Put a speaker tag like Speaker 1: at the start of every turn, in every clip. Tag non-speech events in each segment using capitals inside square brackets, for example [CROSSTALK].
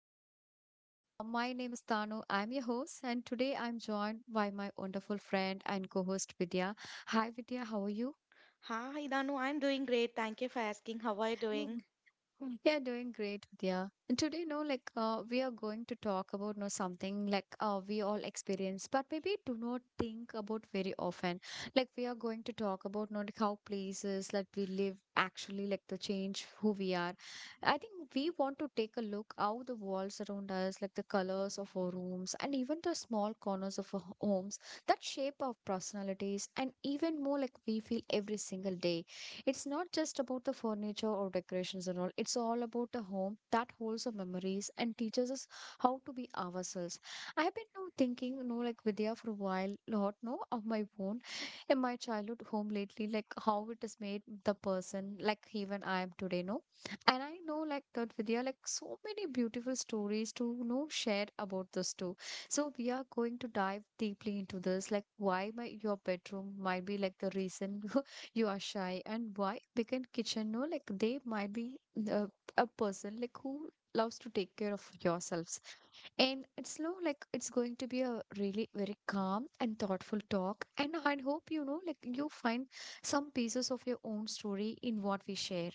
Speaker 1: are with us. No, like my name is Tanu. I'm your host, and today I'm joined by my wonderful friend and co-host Vidya. Hi Vidya, how are you?
Speaker 2: Hi, Danu. I'm doing great. Thank you for asking. How are you doing?
Speaker 1: Yeah, doing great, Vidya. And today, no, like we are going to talk about no something like we all experience, but maybe do not think about very often. Like we are going to talk about no like how places like we live actually like to change who we are. I think we want to take a look how the walls around us, like the colors of our rooms, and even the small corners of our homes that shape our personalities and even more like we feel every single day. It's not just about the furniture or decorations and all. It's all about a home that holds our memories and teaches us how to be ourselves. I have been now thinking, like Vidya, for a while, lot, no, of my own in my childhood home lately, like how it has made the person like even I am today, no? And I know like that Vidya, like so many beautiful stories to share about this too. So we are going to dive deeply into this, like why my your bedroom might be like the reason [LAUGHS] you are shy and why. Because kitchen no like they might be uh, a person like who loves to take care of yourselves, and it's no like it's going to be a really very calm and thoughtful talk, and I hope you know like you find some pieces of your own story in what we share.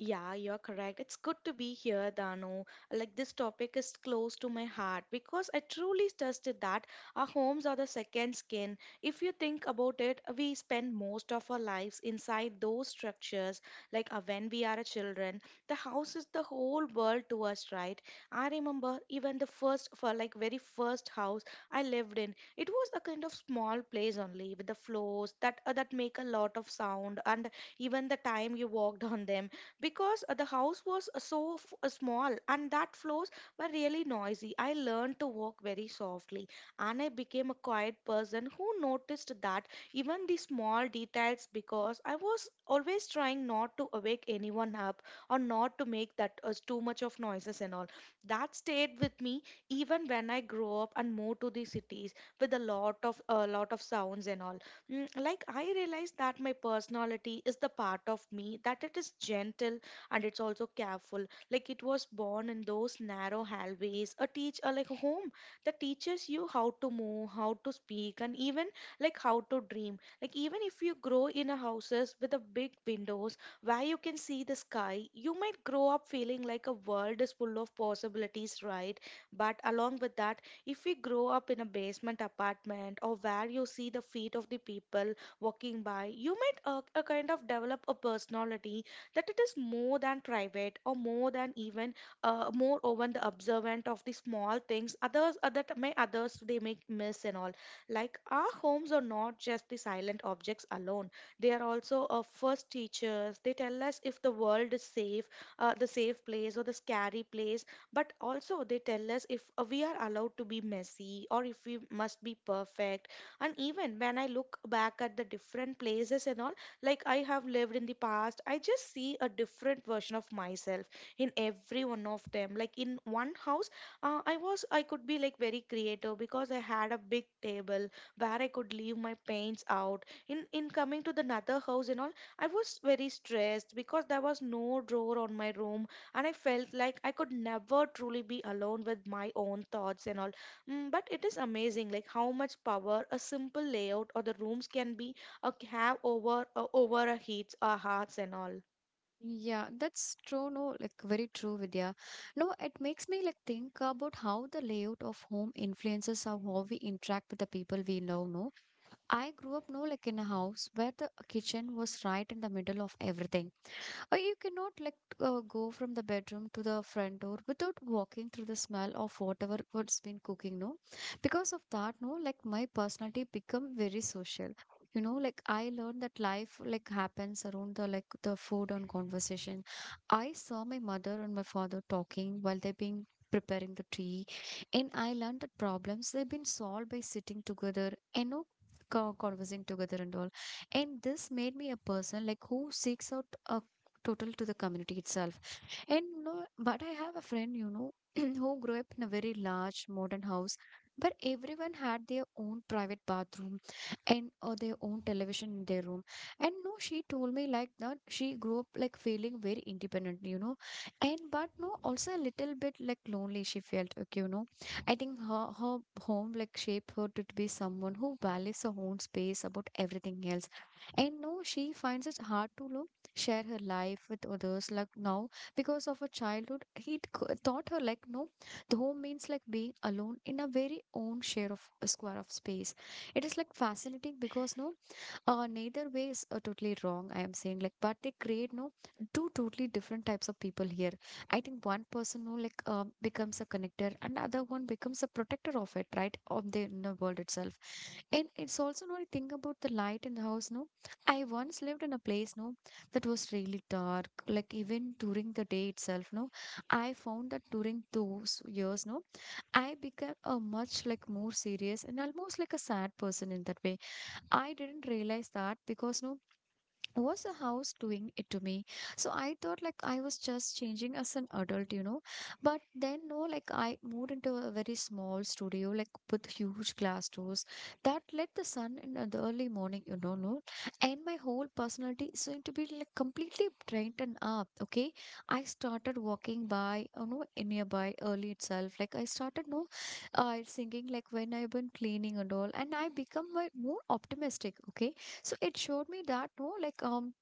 Speaker 2: Yeah, you're correct. It's good to be here, Dano. Like this topic is close to my heart because I truly trusted that our homes are the second skin. If you think about it, we spend most of our lives inside those structures. When we are a children, the house is the whole world to us, right? I remember even for like very first house I lived in, it was a kind of small place only with the floors that make a lot of sound and even the time you walked [LAUGHS] on them because the house was so small and that floors were really noisy. I learned to walk very softly and I became a quiet person who noticed that even the small details because I was always trying not to awake anyone up or not to make that too much of noises and all. That stayed with me even when I grew up and moved to the cities with a lot of sounds and all. Mm, like I realize that my personality is the part of me that it is gentle and it's also careful. Like it was born in those narrow hallways, a teach like a home that teaches you how to move, how to speak, and even like how to dream. Like even if you grow in a houses with a big windows where you can see the sky, you might grow up feeling like a world is full of possibilities, right? But along with that, if we grow up in a basement apartment or where you see the feet of the people walking by, you might kind of develop a personality that it is more than private or more than even more over the observant of the small things others that may others they may miss and all. Like our homes are not just the silent objects alone. They are also our first teachers. They tell us if the world is safe, the safe place or the scary place, but also they tell us if we are allowed to be messy or if we must be perfect. And even when I look back at the different places and all, like I have lived in the past, I just see a different version of myself in every one of them. Like in one house, I could be like very creative because I had a big table where I could leave my paints out. In coming to the another house and all, I was very stressed because there was no drawer on my room and I felt like I could never truly be alone with my own thoughts and all. Mm, but it is amazing like how much power a simple layout or the rooms can be have over over a heat our hearts and all.
Speaker 1: Yeah, that's true, no, like very true, Vidya. No, it makes me like think about how the layout of home influences how we interact with the people we know, no. I grew up no like in a house where the kitchen was right in the middle of everything. Or you cannot like go from the bedroom to the front door without walking through the smell of whatever what's been cooking, no? Because of that, no, like my personality become very social. You know, like I learned that life like happens around the like the food and conversation. I saw my mother and my father talking while they're being preparing the tea, and I learned that problems they've been solved by sitting together and no conversing together and all, and this made me a person like who seeks out a total to the community itself. And you know, but I have a friend, [CLEARS THROAT] who grew up in a very large modern house where everyone had their own private bathroom and or their own television in their room. And no, she told me like that she grew up like feeling very independent, you know. And but no, also a little bit like lonely she felt, okay. I think her home like shaped her to be someone who values her own space about everything else. And no, she finds it hard to share her life with others. Like now, because of her childhood taught her like no the home means like being alone in a very own share of square of space. It is like fascinating because no neither way is totally wrong. I am saying like, but they create no two totally different types of people here. I think one person who like becomes a connector, and other one becomes a protector of it, right? Of the inner world itself. And it's also no, I think, about the light in the house. No, I once lived in a place no that was really dark. Like even during the day itself, no, I found that during those years, no, I became a much like more serious and almost like a sad person in that way. I didn't realize that because no was the house doing it to me, so I thought like I was just changing as an adult, you know. But then no, like I moved into a very small studio like with huge glass doors that let the sun in the early morning, you know, no. And my whole personality is going to be like completely brightened up, okay. I started walking by, you know, nearby early itself, like I started no singing like when I've been cleaning and all, and I become my more optimistic. Okay, so it showed me that no, like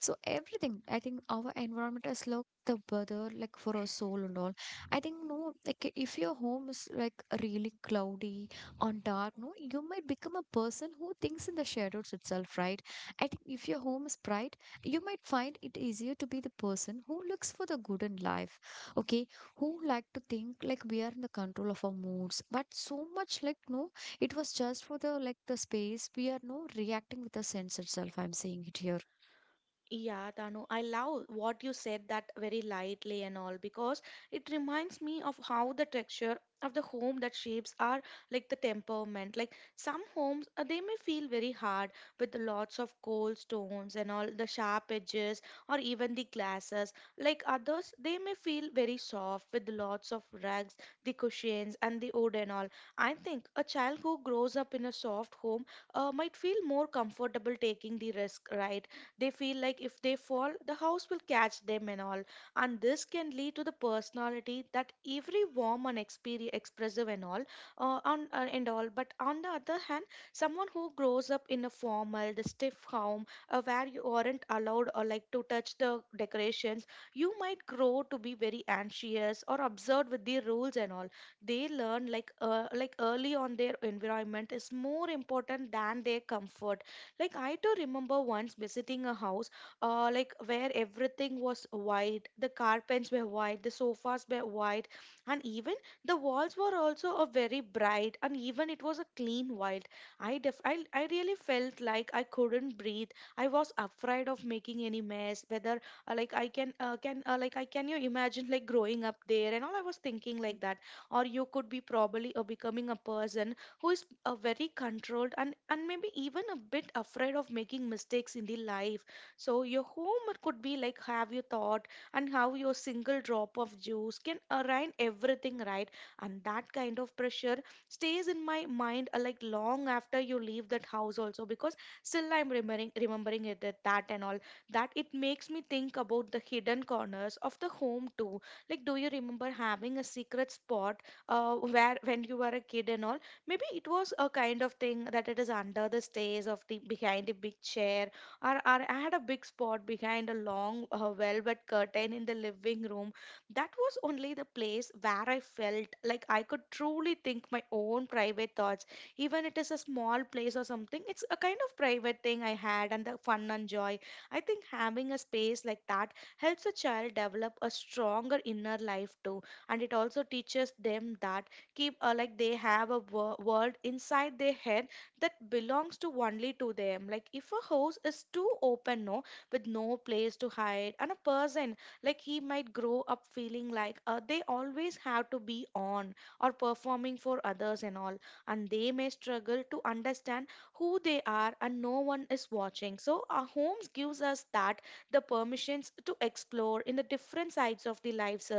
Speaker 1: so everything, I think our environment has locked the weather like for our soul and all. I think no, like if your home is like really cloudy on dark, no, you might become a person who thinks in the shadows itself, right? I think if your home is bright, you might find it easier to be the person who looks for the good in life. Okay, who like to think like we are in the control of our moods, but so much like no, it was just for the like the space we are no reacting with the sense itself. I'm saying it here.
Speaker 2: Yeah, Tanu, I love what you said that very lightly and all because it reminds me of how the texture of the home that shapes are like the temperament. Like some homes, they may feel very hard with lots of cold stones and all the sharp edges or even the glasses. Like others, they may feel very soft with lots of rugs, the cushions, and the wood and all. I think a child who grows up in a soft home might feel more comfortable taking the risk, right? They feel like if they fall, the house will catch them and all. And this can lead to the personality that every warm and experi expressive and all, and all. But on the other hand, someone who grows up in a formal, the stiff home, where you aren't allowed or like to touch the decorations, you might grow to be very anxious or absurd with the rules and all. They learn like early on their environment is more important than their comfort. Like I do remember once visiting a house, like where everything was white. The carpets were white, the sofas were white, and even the walls were also a very bright, and even it was a clean white. I really felt like I couldn't breathe. I was afraid of making any mess. Whether like I can you imagine like growing up there and all. I was thinking like that, or you could be probably becoming a person who is very controlled and maybe even a bit afraid of making mistakes in the life. So your home could be like have you thought and how your single drop of juice can align everything right. And that kind of pressure stays in my mind like long after you leave that house also because still I'm remembering remembering it that and all, that it makes me think about the hidden corners of the home too. Like do you remember having a secret spot where when you were a kid and all? Maybe it was a kind of thing that it is under the stays of the behind the big chair, or I had a big spot behind a long velvet curtain in the living room. That was only the place where I felt like I could truly think my own private thoughts. Even it is a small place or something, it's a kind of private thing I had and the fun and joy. I think having a space like that helps a child develop a stronger inner life too, and it also teaches them that keep like they have a world inside their head that belongs to only to them. Like if a house is too open, no, with no place to hide, and a person like he might grow up feeling like they always have to be on or performing for others and all, and they may struggle to understand who they are and no one is watching. So our homes gives us that the permissions to explore in the different sides of the lives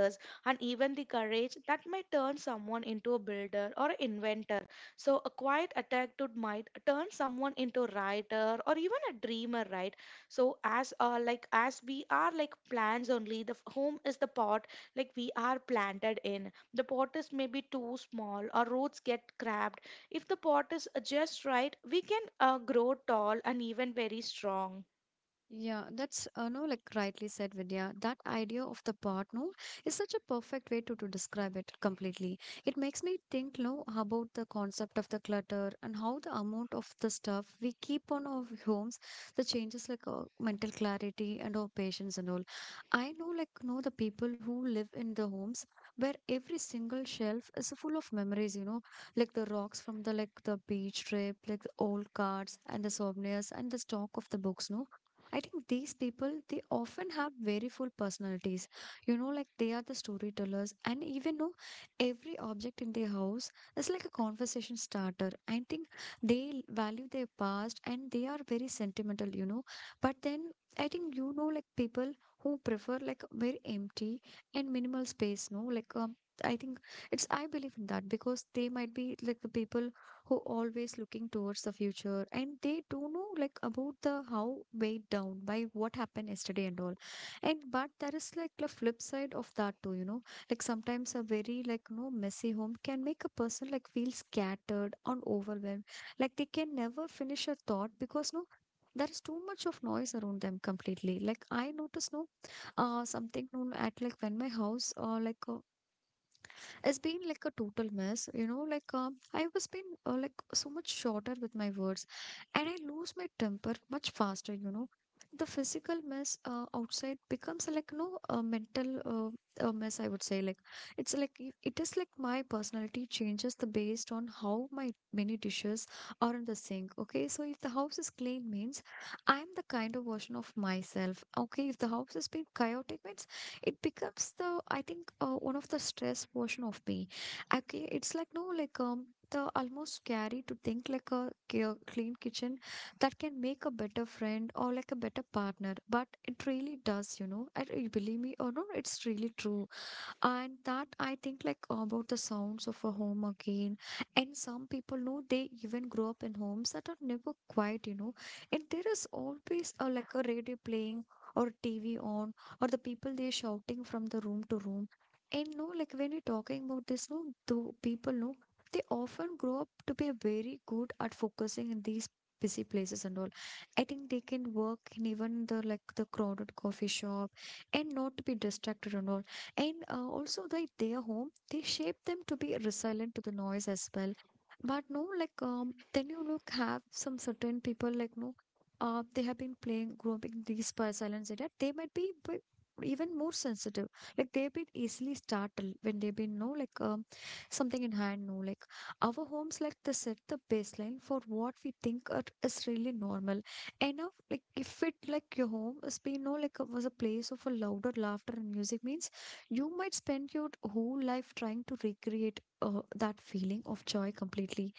Speaker 2: and even the courage that may turn someone into a builder or an inventor. So, a quiet attack to might turn someone into a writer or even a dreamer, right? So, as like as we are like plants only, the home is the pot like we are planted in. The pot is maybe too small or roots get crabbed. If the pot is just right, we can grow tall and even very strong.
Speaker 1: Yeah, that's no like rightly said, Vidya. That idea of the part no is such a perfect way to describe it completely. It makes me think no about the concept of the clutter and how the amount of the stuff we keep on our homes, the changes like our mental clarity and our patience and all. I know like know the people who live in the homes where every single shelf is full of memories, you know, like the rocks from the like the beach trip, like the old cards and the souvenirs and the stock of the books, no. I think these people, they often have very full personalities. You know, like they are the storytellers, and even though every object in their house is like a conversation starter. I think they value their past and they are very sentimental. But then I think, you know, like people who prefer like very empty and minimal space, no, like, I think it's I believe in that because they might be like the people who always looking towards the future and they don't know like about the how weighed down by what happened yesterday and all. And but there is like a flip side of that too. Like sometimes a very like, you know, messy home can make a person like feel scattered and overwhelmed, like they can never finish a thought because no there is too much of noise around them completely, like I notice no something known at like when my house like it's been like a total mess, you know, like I was been like so much shorter with my words, and I lose my temper much faster. The physical mess outside becomes like no a mental mess, I would say. Like it's like it is like my personality changes the based on how my many dishes are in the sink, okay. So if the house is clean means I'm the kind of version of myself, okay. If the house has been chaotic means it becomes the, I think, one of the stress portion of me, okay. It's like no like the almost scary to think like a clean kitchen that can make a better friend or like a better partner, but it really does, you know. I believe me or no, it's really true. And that I think like about the sounds of a home again, and some people know they even grow up in homes that are never quiet. And there is always a, like a radio playing or TV on or the people they shouting from the room to room. And no like when you're talking about this no the people know they often grow up to be very good at focusing in these busy places and all. I think they can work in even the like the crowded coffee shop and not to be distracted and all. And also, like their home, they shape them to be resilient to the noise as well. But no, like then you look have some certain people like no, they have been playing, growing in these silence area. They might be even more sensitive. Like they've been easily startled when they've been no like something in hand. No, like our homes like they set the baseline for what we think are, is really normal. Enough like if it like your home has been no like was a place of a louder laughter and music means you might spend your whole life trying to recreate that feeling of joy completely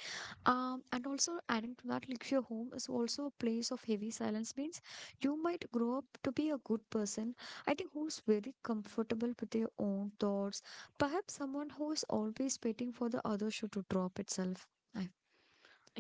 Speaker 1: and also adding to that like your home is also a place of heavy silence means you might grow up to be a good person, I think, who's very comfortable with their own thoughts, perhaps someone who is always waiting for the other shoe to drop itself. I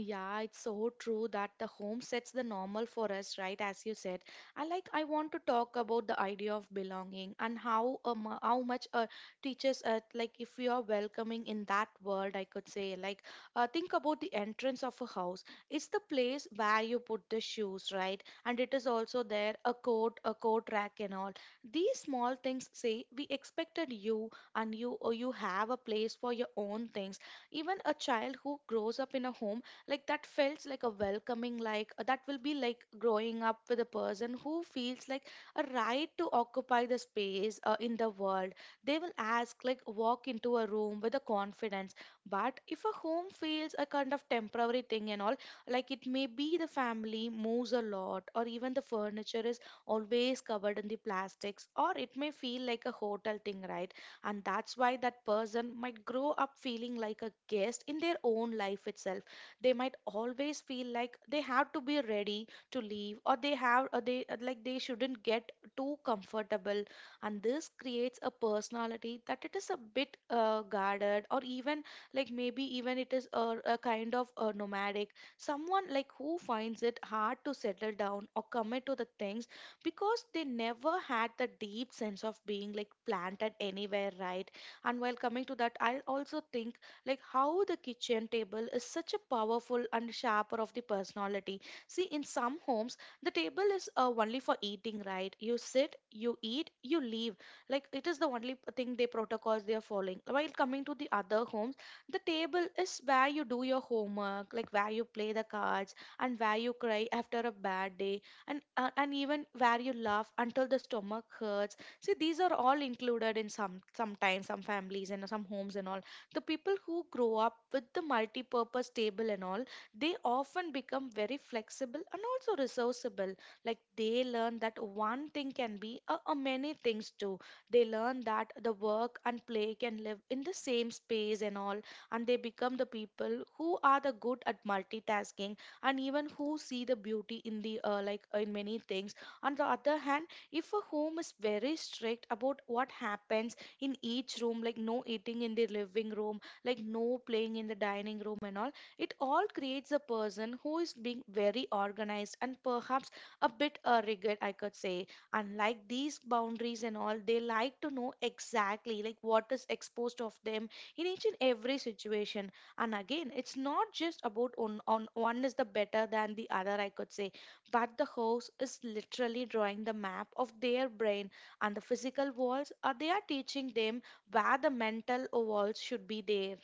Speaker 2: Yeah, it's so true that the home sets the normal for us, right? As you said, I want to talk about the idea of belonging and how much teaches like if we are welcoming in that world, I could say like think about the entrance of a house. It's the place where you put the shoes, right? And it is also there a coat rack, and all. These small things say we expected you, and you or you have a place for your own things. Even a child who grows up in a home like that felt like a welcoming like that will be like growing up with a person who feels like a right to occupy the space in the world. They will ask like walk into a room with a confidence. But if a home feels a kind of temporary thing and all, like it may be the family moves a lot or even the furniture is always covered in the plastics, or it may feel like a hotel thing, right? And that's why that person might grow up feeling like a guest in their own life itself. They might always feel like they have to be ready to leave or they have or they like they shouldn't get too comfortable. And this creates a personality that it is a bit guarded or even like maybe even it is a kind of a nomadic someone like who finds it hard to settle down or commit to the things because they never had the deep sense of being like planted anywhere, right? And while coming to that, I also think like how the kitchen table is such a powerful and shaper of the personality. See, in some homes, the table is only for eating, right? You sit, you eat, you leave. Like it is the only thing they protocols they are following. While coming to the other homes, the table is where you do your homework, like where you play the cards and where you cry after a bad day, and even where you laugh until the stomach hurts. See, these are all included in sometimes some families and some homes and all. The people who grow up with the multi-purpose table and all, they often become very flexible and also resourceable. Like they learn that one thing can be a many things too. They learn that the work and play can live in the same space and all, and they become the people who are the good at multitasking and even who see the beauty in the in many things. On the other hand, if a home is very strict about what happens in each room, like no eating in the living room, like no playing in the dining room and all, it all creates a person who is being very organized and perhaps a bit a rigid, I could say. Unlike these boundaries and all, they like to know exactly like what is exposed of them in each and every situation. And again, it's not just about on one is the better than the other, I could say, but the host is literally drawing the map of their brain, and the physical walls are they are teaching them where the mental walls should be there.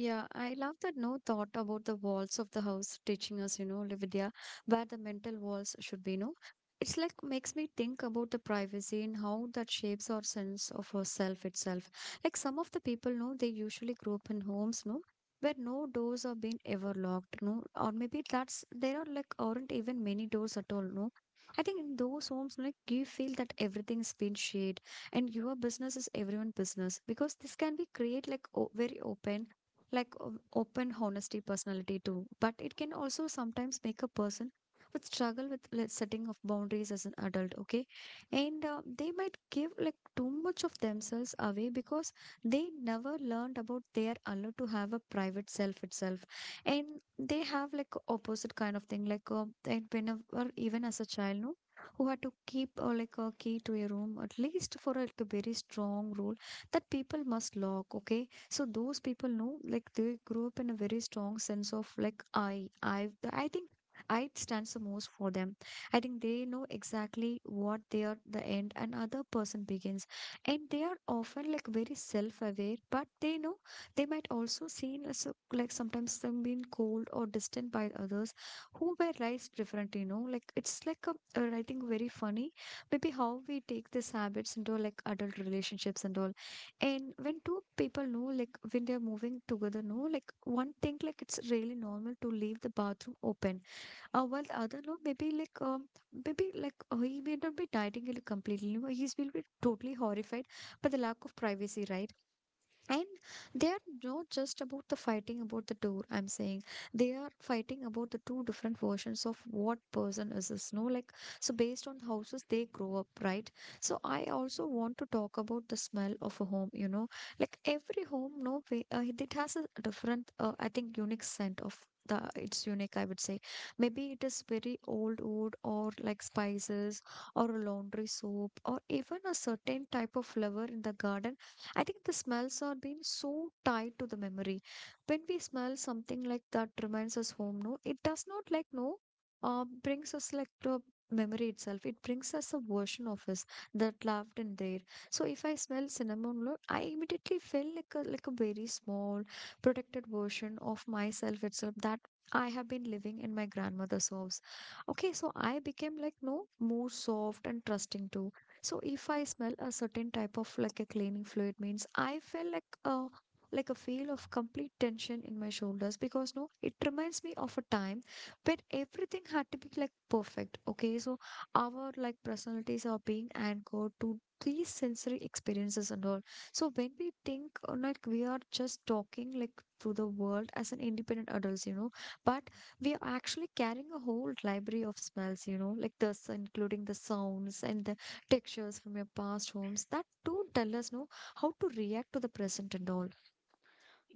Speaker 1: Yeah, I love that no thought about the walls of the house teaching us, Lividya, where the mental walls should be, no? It's like makes me think about the privacy and how that shapes our sense of ourself itself. Like some of the people know they usually grow up in homes, no, where no doors are being ever locked, no, or maybe that's there are like aren't even many doors at all, no. I think in those homes, like you feel that everything's been shade and your business is everyone's business, because this can be create like o very open like open honesty personality too, but it can also sometimes make a person would struggle with like, setting of boundaries as an adult, okay. And they might give like too much of themselves away because they never learned about they are allowed to have a private self itself. And they have like opposite kind of thing like and whenever even as a child, no, who had to keep like a key to a room, at least for like a very strong rule that people must lock, okay. So those people know like they grew up in a very strong sense of like I think I stands the most for them. I think they know exactly what they are the end and other person begins, and they are often like very self-aware, but they know they might also seen as like sometimes them being cold or distant by others who were raised different, you know, like it's like I think very funny maybe how we take these habits into like adult relationships and all. And when two people know, like when they're moving together, know, like one think like it's really normal to leave the bathroom open, while the other know maybe like he may not be dieting it completely, you know, he's will be totally horrified by the lack of privacy, right? And they are not just about the fighting about the door, I'm saying. They are fighting about the two different versions of what person is this, no? Like, so based on the houses they grow up, right? So I also want to talk about the smell of a home, you know? Like, every home, no, way, it has a different, I think, unique scent of. It's unique, I would say. Maybe it is very old wood or like spices or a laundry soap or even a certain type of flower in the garden. I think the smells are being so tied to the memory. When we smell something like that reminds us home, no, it does not like no brings us like to memory itself. It brings us a version of us that loved in there. So if I smell cinnamon roll, I immediately feel like a very small protected version of myself itself that I have been living in my grandmother's house. Okay, so I became like no more soft and trusting too. So if I smell a certain type of like a cleaning fluid means I feel like a feel of complete tension in my shoulders, because no, it reminds me of a time when everything had to be like perfect. Okay, so our like personalities are being anchored to these sensory experiences and all. So when we think like we are just talking like to the world as an independent adults, you know, but we are actually carrying a whole library of smells, you know, like this, including the sounds and the textures from your past homes that do tell us no how to react to the present and all.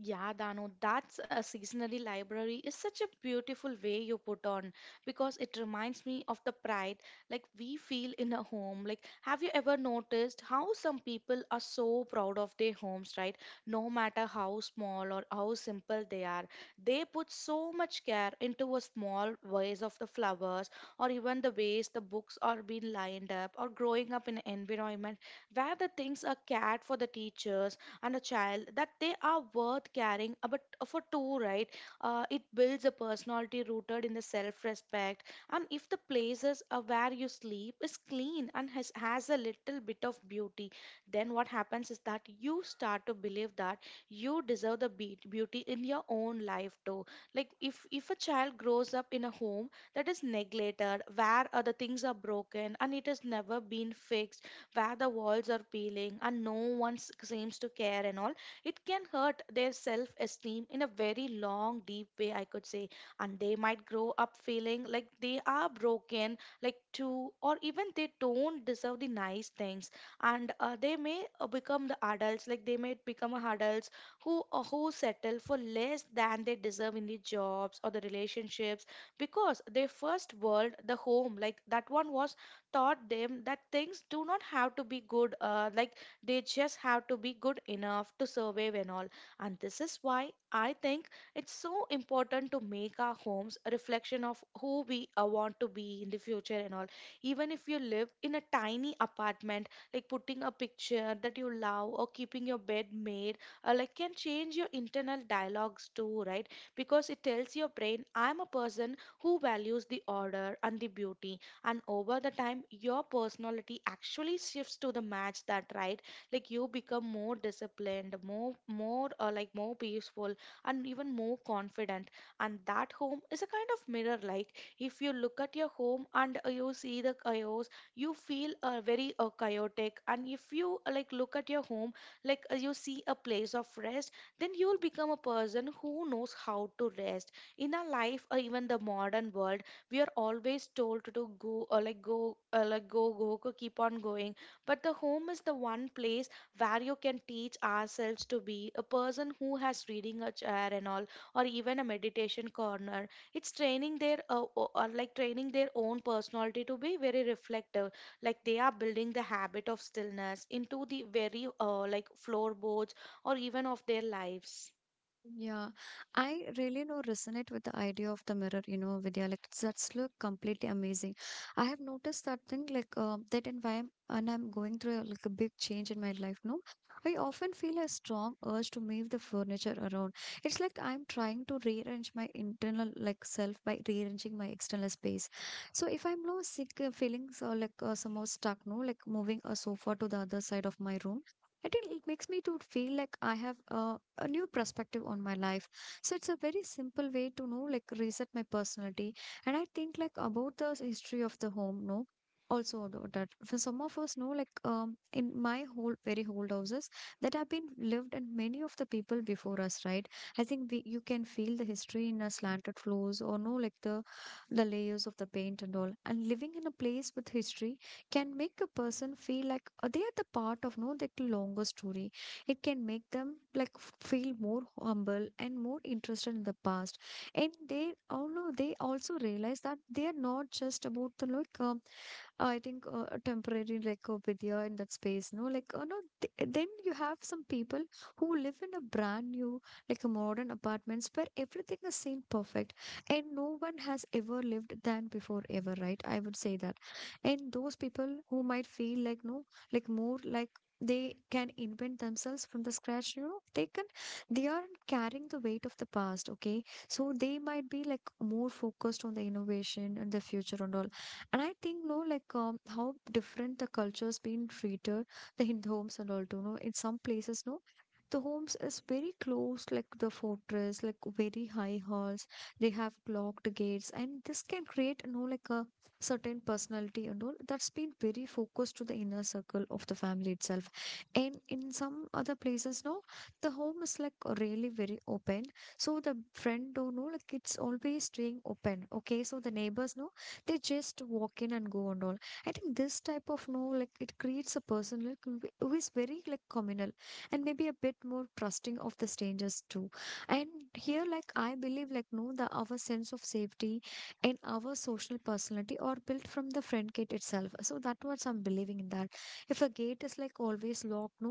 Speaker 2: Yeah, Danu, that's a seasonary library is such a beautiful way you put on, because it reminds me of the pride like we feel in a home. Like, have you ever noticed how some people are so proud of their homes, right? No matter how small or how simple they are, they put so much care into a small vase of the flowers or even the ways the books are being lined up, or growing up in an environment where the things are cared for the teachers and a child that they are worth caring about for two, right? It builds a personality rooted in the self-respect, and if the places where you sleep is clean and has a little bit of beauty, then what happens is that you start to believe that you deserve the beauty in your own life too. Like if a child grows up in a home that is neglected, where other things are broken and it has never been fixed, where the walls are peeling and no one seems to care and all, it can hurt their self esteem in a very long deep way, I could say. And they might grow up feeling like they are broken like too, or even they don't deserve the nice things. And they may become the adults like they may become adults who settle for less than they deserve in the jobs or the relationships, because their first world the home like that one was taught them that things do not have to be good, like they just have to be good enough to survive and all. And this is why I think it's so important to make our homes a reflection of who we want to be in the future and all. Even if you live in a tiny apartment, like putting a picture that you love or keeping your bed made, like can change your internal dialogues too, right? Because it tells your brain, I'm a person who values the order and the beauty, and over the time your personality actually shifts to the match that, right? Like you become more disciplined, more peaceful and even more confident. And that home is a kind of mirror. Like if you look at your home and you see the chaos, you feel very chaotic. And if you like look at your home, you see a place of rest, then you will become a person who knows how to rest. In our life or even the modern world, we are always told to do go or like go, or like go go go, keep on going. But the home is the one place where you can teach ourselves to be a person who has reading a chair and all, or even a meditation corner. It's training their o- or like training their own personality to be very reflective. Like they are building the habit of stillness into the very like floorboards or even of their lives.
Speaker 1: Yeah, I really know resonate with the idea of the mirror, you know, Vidya. Like that's look completely amazing. I have noticed that thing, like that, and why and I'm going through like a big change in my life, no. I often feel a strong urge to move the furniture around. It's like I'm trying to rearrange my internal like self by rearranging my external space. So if I'm no sick feelings or like somehow stuck, no, like moving a sofa to the other side of my room. I think it makes me to feel like I have a new perspective on my life, so it's a very simple way to know like reset my personality. And I think like about the history of the home, no, also about that for some of us know like in my whole very old houses that have been lived and many of the people before us, right? I think we you can feel the history in a slanted floors or no like the layers of the paint and all, and living in a place with history can make a person feel like they are the part of no the longer story. It can make them like feel more humble and more interested in the past, and they although they also realize that they are not just about the like I think a temporary like with you in that space, no, like no. Then you have some people who live in a brand new like a modern apartments where everything is seen perfect and no one has ever lived than before ever, right? I would say that, and those people who might feel like no, like more like they can invent themselves from the scratch, you know, they can, they aren't carrying the weight of the past, okay. So they might be like more focused on the innovation and the future and all. And I think no like how different the culture's been treated the Hindu homes and all too know. In some places no the homes is very close like the fortress like very high halls, they have locked gates, and this can create, you know, like a certain personality and all that's been very focused to the inner circle of the family itself. And in some other places, now, the home is like really very open. So the front door, no, like it's always staying open. Okay, so the neighbors, no, they just walk in and go and all. I think this type of no, like it creates a person like who is very like communal and maybe a bit more trusting of the strangers too. And here, like I believe, like no, the our sense of safety and our social personality are built from the friend gate itself. So that was I'm believing in that, if a gate is like always locked, no,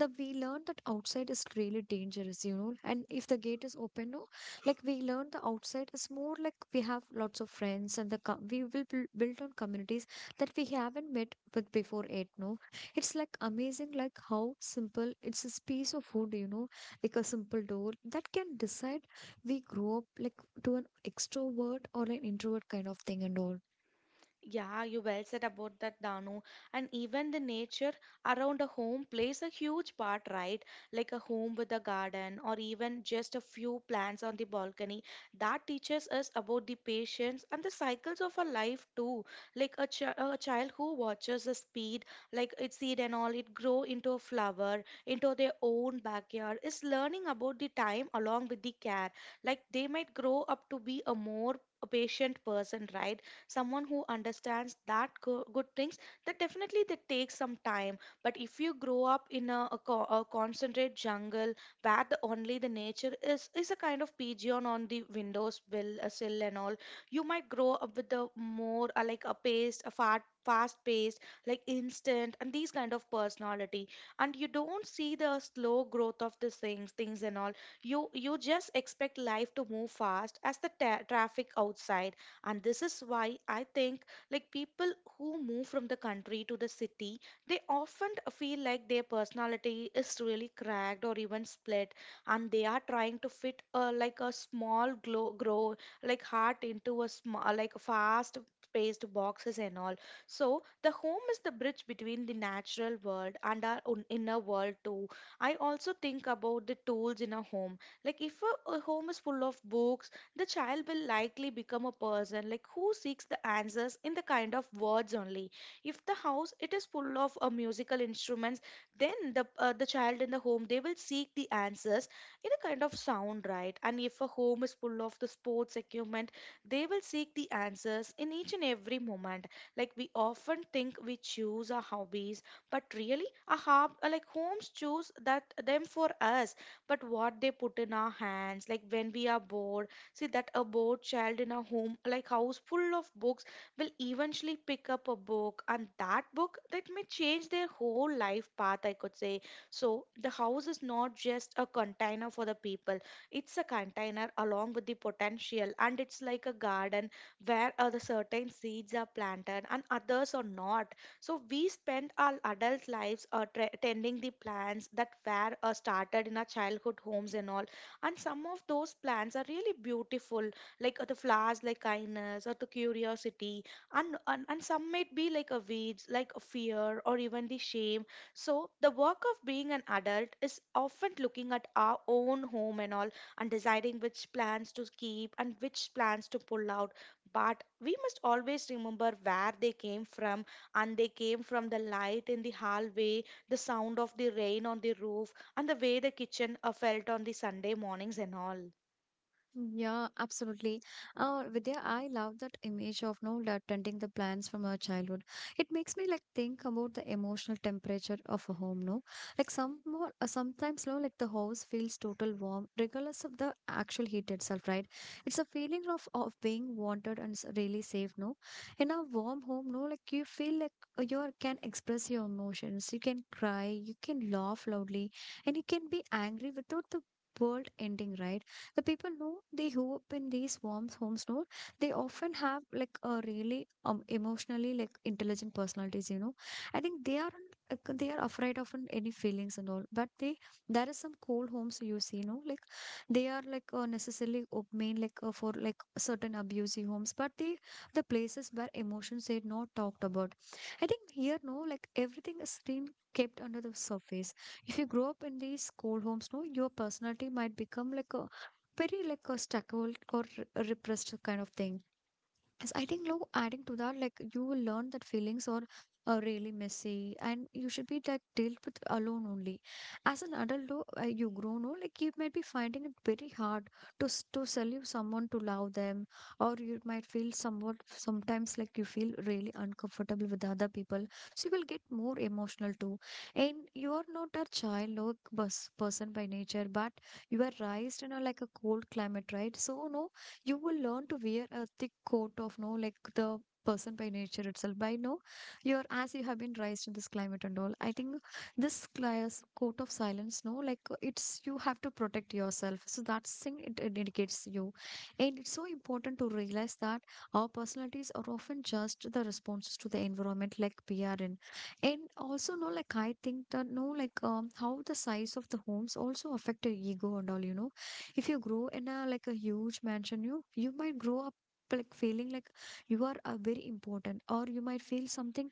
Speaker 1: the we learn that outside is really dangerous, you know, and if the gate is open, no, like we learn the outside is more like we have lots of friends, and the we will build on communities that we haven't met with before it, no. It's like amazing like how simple it's this piece of food, you know, like a simple door that can decide we grow up like to an extrovert or an introvert kind of thing and all.
Speaker 2: Yeah, you well said about that, Danu. And even the nature around a home plays a huge part, right? Like a home with a garden or even just a few plants on the balcony. That teaches us about the patience and the cycles of our life too. Like a child who watches the speed, like its seed and all, it grow into a flower, into their own backyard, is learning about the time along with the care. Like they might grow up to be a more a patient person, right? Someone who understands that good things, that definitely they take some time. But if you grow up in a, a concentrate jungle, where the only the nature is a kind of pigeon on the windows will a sill and all, you might grow up with a more like a paced, a fast fast paced like instant and these kind of personality. And you don't see the slow growth of these things and all. You just expect life to move fast as the traffic outside. And this is why I think, like people who move from the country to the city, they often feel like their personality is really cracked or even split, and they are trying to fit a, like a grow like heart into a small like fast paced boxes and all. So the home is the bridge between the natural world and our own inner world too. I also think about the tools in a home. Like if a home is full of books, the child will likely become a person like who seeks the answers in the kind of words only. If the house it is full of musical instruments, then the child in the home, they will seek the answers in a kind of sound, right? And if a home is full of the sports equipment, they will seek the answers in each and every moment. Like we often think we choose our hobbies, but really a hob like homes choose that them for us, but what they put in our hands like when we are bored. See that a bored child in a home like house full of books will eventually pick up a book, and that book that may change their whole life path, I could say. So the house is not just a container for the people. It's a container along with the potential, and it's like a garden where the certain seeds are planted and others are not. So we spend our adult lives tending the plants that were started in our childhood homes and all, and some of those plants are really beautiful, like the flowers like kindness or the curiosity, and some might be like a weeds like a fear or even the shame. So the work of being an adult is often looking at our own home and all, and deciding which plants to keep and which plants to pull out. But we must always remember where they came from, and they came from the light in the hallway, the sound of the rain on the roof, and the way the kitchen felt on the Sunday mornings and all.
Speaker 1: Yeah, absolutely. Vidya, I love that image of no tending the plants from our childhood. It makes me like think about the emotional temperature of a home, no? Like some more, sometimes, no, like the house feels total warm, regardless of the actual heat itself, right? It's a feeling of being wanted and really safe, no? In a warm home, no, like you feel like can express your emotions, you can cry, you can laugh loudly, and you can be angry without the world ending, right? The people know they who up in these warm homes know they often have like a really emotionally like intelligent personalities, you know. I think they are like, they are afraid of any feelings and all, but they there is some cold homes, you see. No, like they are like necessarily main like for like certain abusive homes, but they the places where emotions are not talked about. I think here no like everything is being kept under the surface. If you grow up in these cold homes, no, your personality might become like a very like a stuck or repressed kind of thing. Yes, I think look, adding to that, like you will learn that feelings are really messy, and you should be like dealt with alone only. As an adult, though, you grow, no, like you might be finding it very hard to sell you someone to love them, or you might feel somewhat sometimes like you feel really uncomfortable with other people. So you will get more emotional too, and you are not a child no, bus person by nature, but you are raised in a like a cold climate, right? So no you will learn to wear a thick coat of no like the person by nature itself by no you're as you have been raised in this climate and all, I think this class coat of silence no like, it's you have to protect yourself, so that's thing it indicates you. And it's so important to realize that our personalities are often just the responses to the environment like we are in. And also no like I think that no like, how the size of the homes also affect your ego and all, you know. If you grow in a like a huge mansion, you might grow up like feeling like you are very important, or you might feel something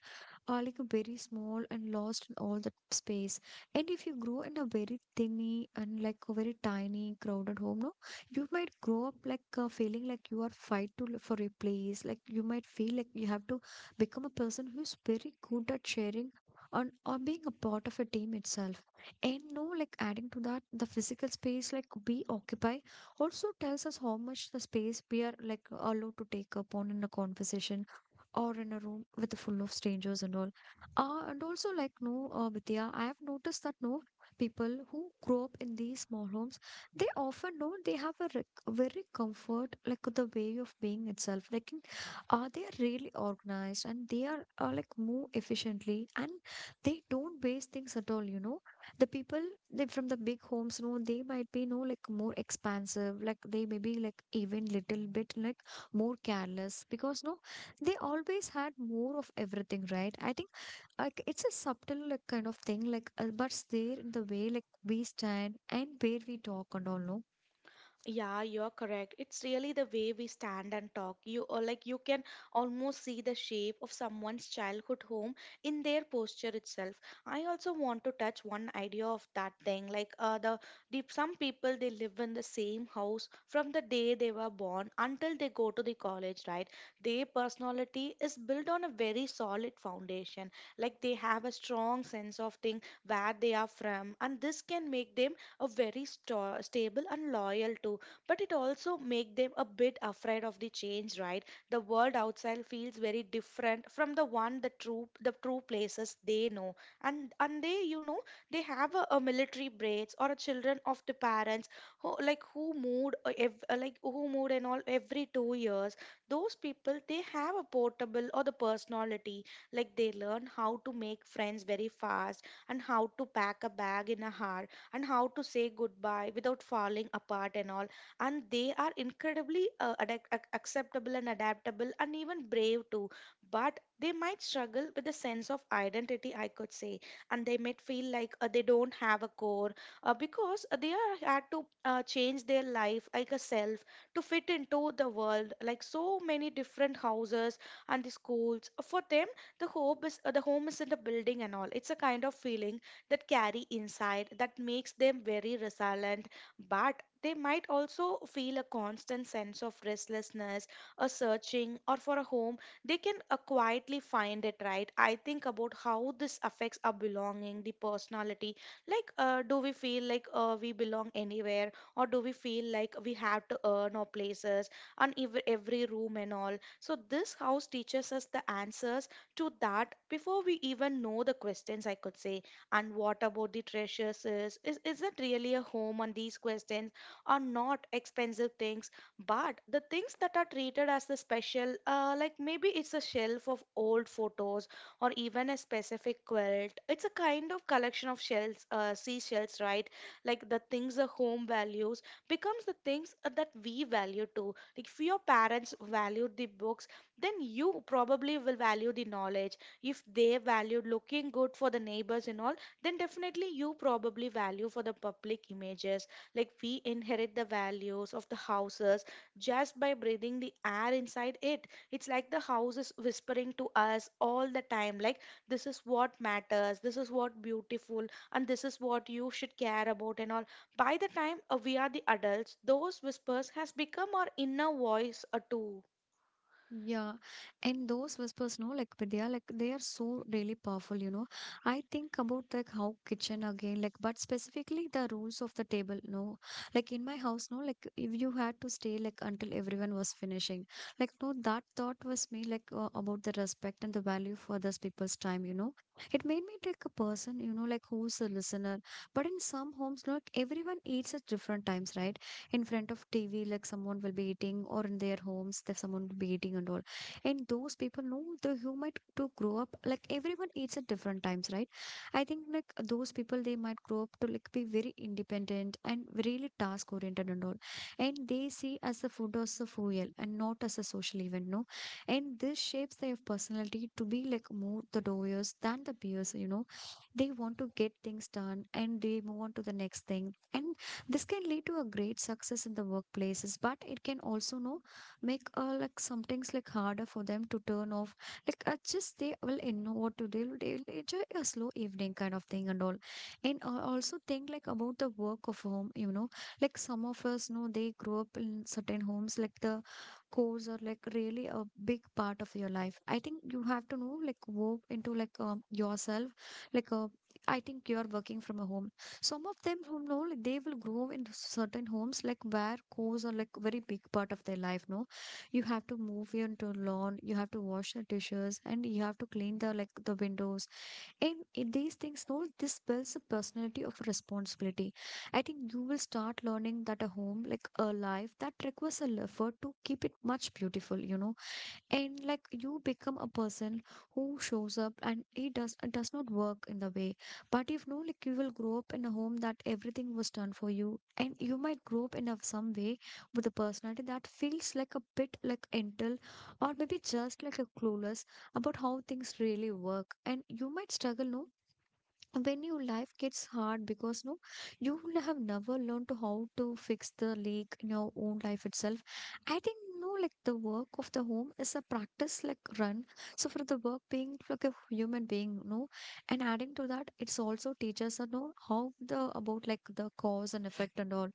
Speaker 1: like very small and lost in all that space. And if you grow in a very tiny and like a very tiny crowded home no, you might grow up like, feeling like you are fight for a place, like you might feel like you have to become a person who's very good at sharing on or being a part of a team itself. And no, like adding to that, the physical space like we occupy also tells us how much the space we are like allowed to take up on in a conversation or in a room with a full of strangers and all. And also like no, Vidya, I have noticed that no people who grow up in these small homes, they often know they have a very comfort like the way of being itself. Like in, they are really organized and they are like move efficiently, and they don't waste things at all, you know. The people they from the big homes no, they might be no like more expansive, like they may be like even little bit like more careless because no they always had more of everything, right, I think. Like it's a subtle like kind of thing like, but it's there in the way like we stand and where we talk and all no.
Speaker 2: Yeah, you're correct. It's really the way we stand and talk. You or like you can almost see the shape of someone's childhood home in their posture itself. I also want to touch one idea of that thing. Like the some people they live in the same house from the day they were born until they go to the college, right? Their personality is built on a very solid foundation. Like they have a strong sense of thing where they are from, and this can make them a very stable and loyal to, but it also make them a bit afraid of the change, right? The world outside feels very different from the one the true places they know. And they, they have a military braids or a children of the parents who who moved, like who moved and all every 2 years. Those people they have a portable or the personality, like they learn how to make friends very fast, and how to pack a bag in a hurry, and how to say goodbye without falling apart and all. And they are incredibly acceptable and adaptable and even brave too. But they might struggle with a sense of identity, I could say, and they might feel like, they don't have a core, because they are, had to, change their life like a self to fit into the world like so many different houses and the schools for them. The hope is, the home isn't a building and all, it's a kind of feeling that carry inside that makes them very resilient. But they might also feel a constant sense of restlessness, a searching or for a home they can, quietly find it, right? I think about how this affects our belonging the personality. Like, do we feel like, we belong anywhere, or do we feel like we have to earn our places on every room and all? So this house teaches us the answers to that before we even know the questions, I could say. And what about the treasures? Is that really a home? On these questions, are not expensive things, but the things that are treated as the special. Like maybe it's a shelf of old photos, or even a specific quilt, it's a kind of collection of shells, seashells, right? Like the things the home values becomes the things that we value too. Like if your parents valued the books, then you probably will value the knowledge. If they valued looking good for the neighbors and all, then definitely you probably value for the public images. Like we inherit the values of the houses just by breathing the air inside it. It's like the house is whispering to us all the time, like this is what matters, this is what beautiful, and this is what you should care about and all. By the time we are the adults, those whispers has become our inner voice too.
Speaker 1: Yeah, and those whispers, no, like but they are like they are so really powerful, you know. I think about like how kitchen again, like but specifically the rules of the table, no. Like in my house, no, like if you had to stay like until everyone was finishing, like no, that thought was me like, about the respect and the value for those people's time, you know. It made me like a person, you know, like who's a listener. But in some homes, like everyone eats at different times, right? In front of TV, like someone will be eating, or in their homes, that someone will be eating and all. And those people know the human to grow up. Like everyone eats at different times, right? I think like those people they might grow up to like be very independent and really task oriented and all. And they see as the food as a fuel and not as a social event, no. And this shapes their personality to be like more the doers than the peers, you know. They want to get things done and they move on to the next thing. And this can lead to a great success in the workplaces, but it can also know make, like some things like harder for them to turn off. Like, just they will you know what to do. They will enjoy a slow evening kind of thing and all. And also think like about the work of home. You know, like some of us know they grow up in certain homes, like the chores are like really a big part of your life. I think you have to know like work into like, yourself. Like, I think you are working from a home. Some of them who know like they will grow in certain homes like where cows are like very big part of their life, no, you have to move into lawn, you have to wash the dishes, and you have to clean the like the windows. And in these things no, this builds a personality of responsibility. I think you will start learning that a home like a life that requires a effort to keep it much beautiful, you know. And like you become a person who shows up and he does, does not work in the way. But if no like you will grow up in a home that everything was done for you, and you might grow up in a, some way with a personality that feels like a bit like entitled, or maybe just like a clueless about how things really work. And you might struggle no when your life gets hard because no you will have never learned to how to fix the leak in your own life itself. I think no like the work of the home is a practice like run so for the work being like a human being, no. And adding to that, it's also teaches us no how the about like the cause and effect and all.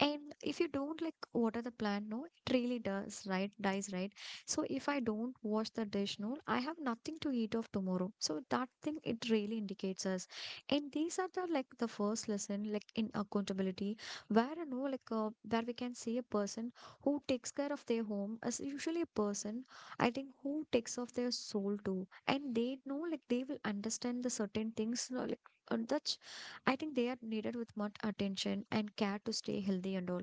Speaker 1: And if you don't like water the plant, no, it really does, right? Dies, right? So if I don't wash the dish, no, I have nothing to eat of tomorrow. So that thing it really indicates us. And these are the like the first lesson, like in accountability, where, you know, like, where we can see a person who takes care of their home is usually a person, I think, who takes off their soul too. And they know like they will understand the certain things, you know, like, that's, I think they are needed with much attention and care to stay healthy and all.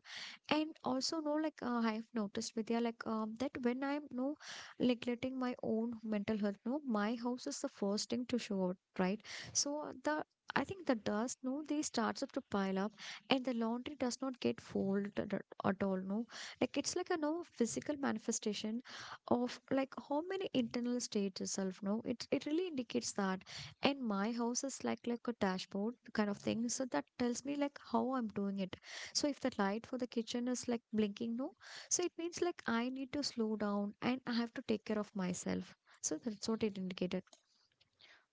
Speaker 1: And also, no, like, I have noticed, Vidya, like, that when I'm no neglecting my own mental health, no, my house is the first thing to show out, right? So the, I think the dust, no, they starts up to pile up, and the laundry does not get folded at all, no. Like it's like a no physical manifestation of like how many internal states itself, no. It really indicates that, and my house is like a dashboard kind of thing, so that tells me like how I'm doing it. So if the light for the kitchen is like blinking no, so it means like I need to slow down and I have to take care of myself, so that's what it indicated.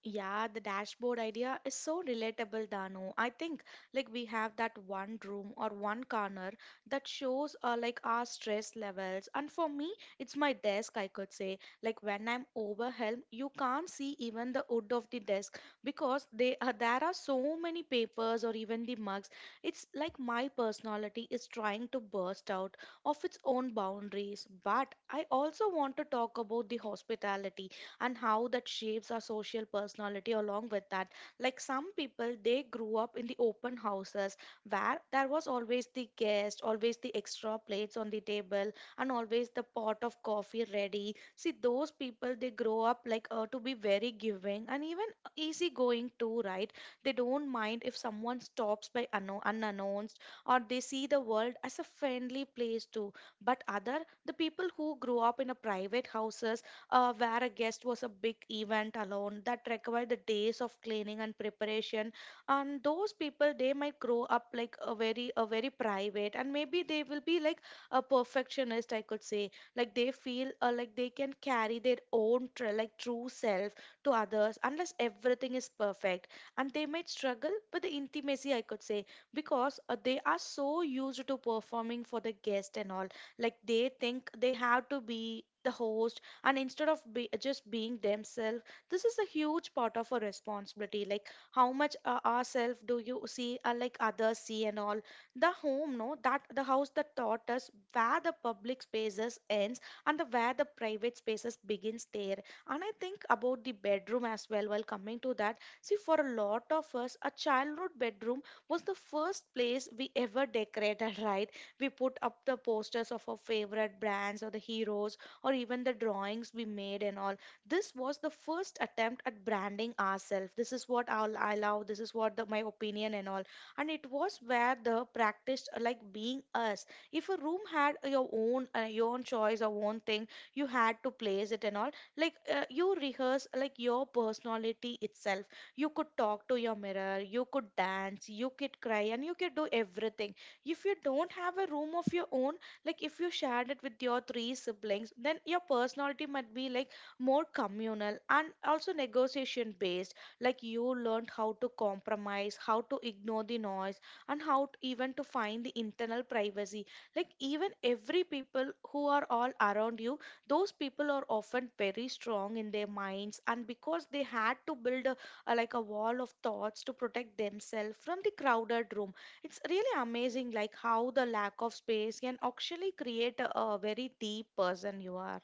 Speaker 2: Yeah, the dashboard idea is so relatable, Dano. I think like we have that one room or one corner that shows, like our stress levels. And for me, it's my desk, I could say. Like when I'm overwhelmed, you can't see even the wood of the desk because they, there are so many papers or even the mugs. It's like my personality is trying to burst out of its own boundaries. But I also want to talk about the hospitality and how that shapes our social personality along with that. Like some people, they grew up in the open houses where there was always the guest, always the extra plates on the table, and always the pot of coffee ready. See, those people they grow up like, to be very giving, and even easygoing too, right? They don't mind if someone stops by unannounced, or they see the world as a friendly place too. But other the people who grew up in a private houses, where a guest was a big event alone that required the days of cleaning and preparation. And those people, they might grow up like a very private, and maybe they will be like a perfectionist, I could say. Like they feel, like they can carry their own like true self to others unless everything is perfect. And they might struggle with the intimacy, I could say, because they are so used to performing for the guest and all. Like they think they have to be the host, and just being themselves. This is a huge part of a responsibility, like how much, ourselves do you see, like others see and all. The home, no, that the house that taught us where the public spaces ends, and where the private spaces begins there. And I think about the bedroom as well while coming to that. See, for a lot of us a childhood bedroom was the first place we ever decorated, [LAUGHS] right? We put up the posters of our favorite brands or the heroes, or even the drawings we made and all. This was the first attempt at branding ourselves. This is what I'll allow, this is what my opinion and all. And it was where the practiced, like being us. If a room had your own, your own choice or own thing, you had to place it and all. Like, you rehearse like your personality itself. You could talk to your mirror, you could dance, you could cry, and you could do everything. If you don't have a room of your own, like if you shared it with your 3 siblings, then your personality might be like more communal and also negotiation based. Like you learned how to compromise, how to ignore the noise, and how to even to find the internal privacy, like even every people who are all around you. Those people are often very strong in their minds, and because they had to build a, like a wall of thoughts to protect themselves from the crowded room. It's really amazing, like how the lack of space can actually create a very deep person you are.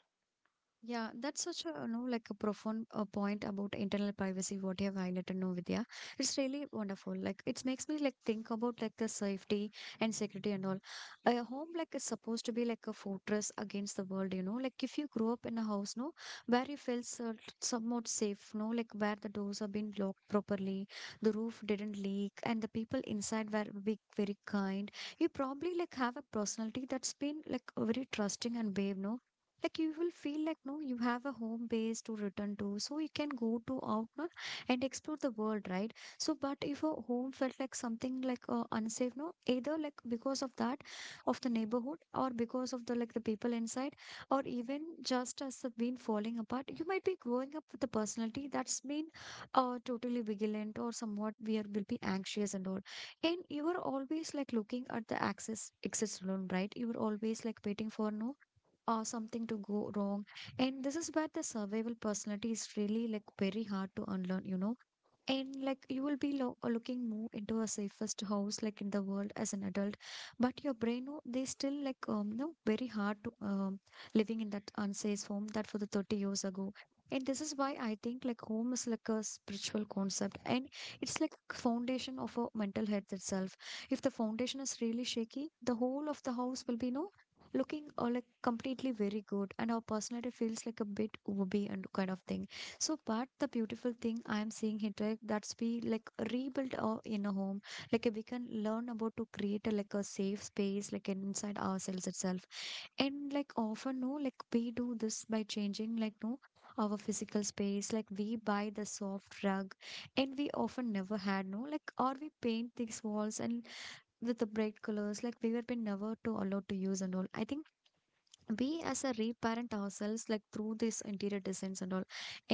Speaker 1: Yeah, that's such a you know like a profound, point about internal privacy. What you have highlighted, no Vidya, it's really wonderful. Like it makes me like think about like the safety and security and all. A home like is supposed to be like a fortress against the world. You know, like if you grow up in a house, no, where you felt somewhat safe, no, like where the doors have been locked properly, the roof didn't leak, and the people inside were big, very kind. You probably like have a personality that's been like very trusting and brave, no like you will feel like no you have a home base to return to, so you can go to out no, and explore the world, right? So but if a home felt like something like, unsafe no, either like because of that of the neighborhood or because of the like the people inside, or even just as been falling apart, you might be growing up with a personality that's been, totally vigilant or somewhat we are will be anxious and all. And you are always like looking at the access alone, right? You are always like waiting for no or something to go wrong. And this is where the survival personality is really like very hard to unlearn, you know. And like you will be lo looking more into a safest house like in the world as an adult, but your brain oh, they still like, no very hard to living in that unsafe home that for the 30 years ago. And this is why I think like home is like a spiritual concept, and it's like foundation of a mental health itself. If the foundation is really shaky, the whole of the house will be no looking or like completely very good, and our personality feels like a bit wobbly and kind of thing. So, but the beautiful thing I am seeing here, right, that's be like rebuilt, in a home. Like, we can learn about to create a, like a safe space, like inside ourselves itself. And like often, no, like we do this by changing, like no, our physical space. Like we buy the soft rug, and we often never had no, like or we paint these walls and with the bright colors, like we were been never to allowed to use and all. I think we as a reparent ourselves like through this interior designs and all,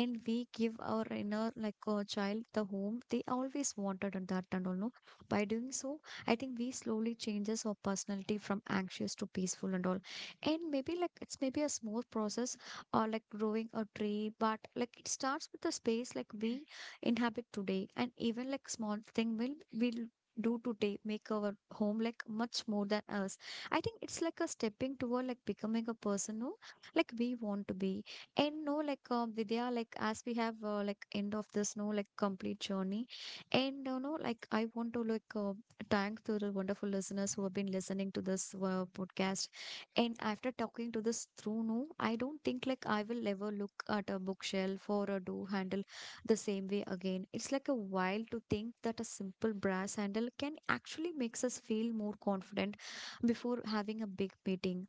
Speaker 1: and we give our inner like, child the home they always wanted and that and all no. By doing so, I think we slowly changes our personality from anxious to peaceful and all. And maybe like it's maybe a small process or like growing a tree, but like it starts with the space like we inhabit today, and even like small thing will do today make our home like much more than us. I think it's like a stepping toward like becoming a person who like we want to be. And no, like, Vidya, like as we have, like end of this no like complete journey, and you know like I want to like, thank to the wonderful listeners who have been listening to this, podcast. And after talking to this through, no, I don't think like I will ever look at a bookshelf or a door handle the same way again. It's like a while to think that a simple brass handle can actually makes us feel more confident before having a big meeting.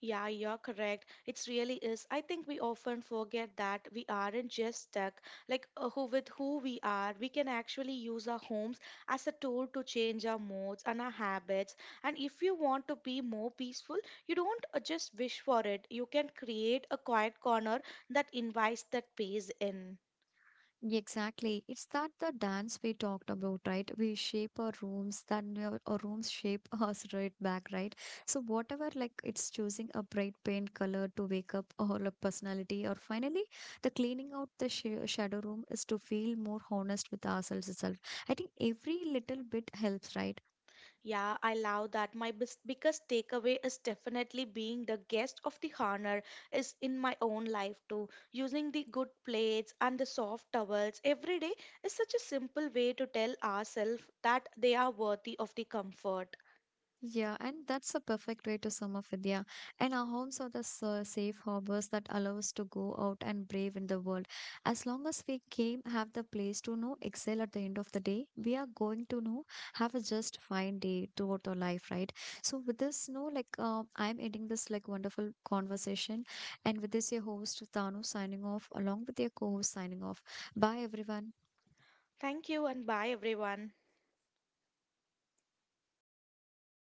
Speaker 2: Yeah, you're correct. It's really is. I think we often forget that we aren't just stuck like, who with who we are. We can actually use our homes as a tool to change our moods and our habits. And if you want to be more peaceful, you don't, just wish for it. You can create a quiet corner that invites that peace in.
Speaker 1: Exactly. It's that the dance we talked about, right? We shape our rooms, then our rooms shape [LAUGHS] us right back, right? So whatever, like it's choosing a bright paint color to wake up or a personality, or finally, the cleaning out the sh shadow room is to feel more honest with ourselves itself. I think every little bit helps, right?
Speaker 2: Yeah, I love that. My biggest takeaway is definitely being the guest of the honor is in my own life too. Using the good plates and the soft towels every day is such a simple way to tell ourselves that they are worthy of the comfort.
Speaker 1: Yeah, and that's a perfect way to sum up, Vidya. And our homes are the safe harbors that allow us to go out and brave in the world. As long as we came, have the place to know, excel at the end of the day, we are going to know, have a just fine day throughout our life, right? So with this, no, like, I'm ending this like wonderful conversation, and with this, your host Tanu signing off, along with your co-host signing off. Bye, everyone.
Speaker 2: Thank you and bye everyone.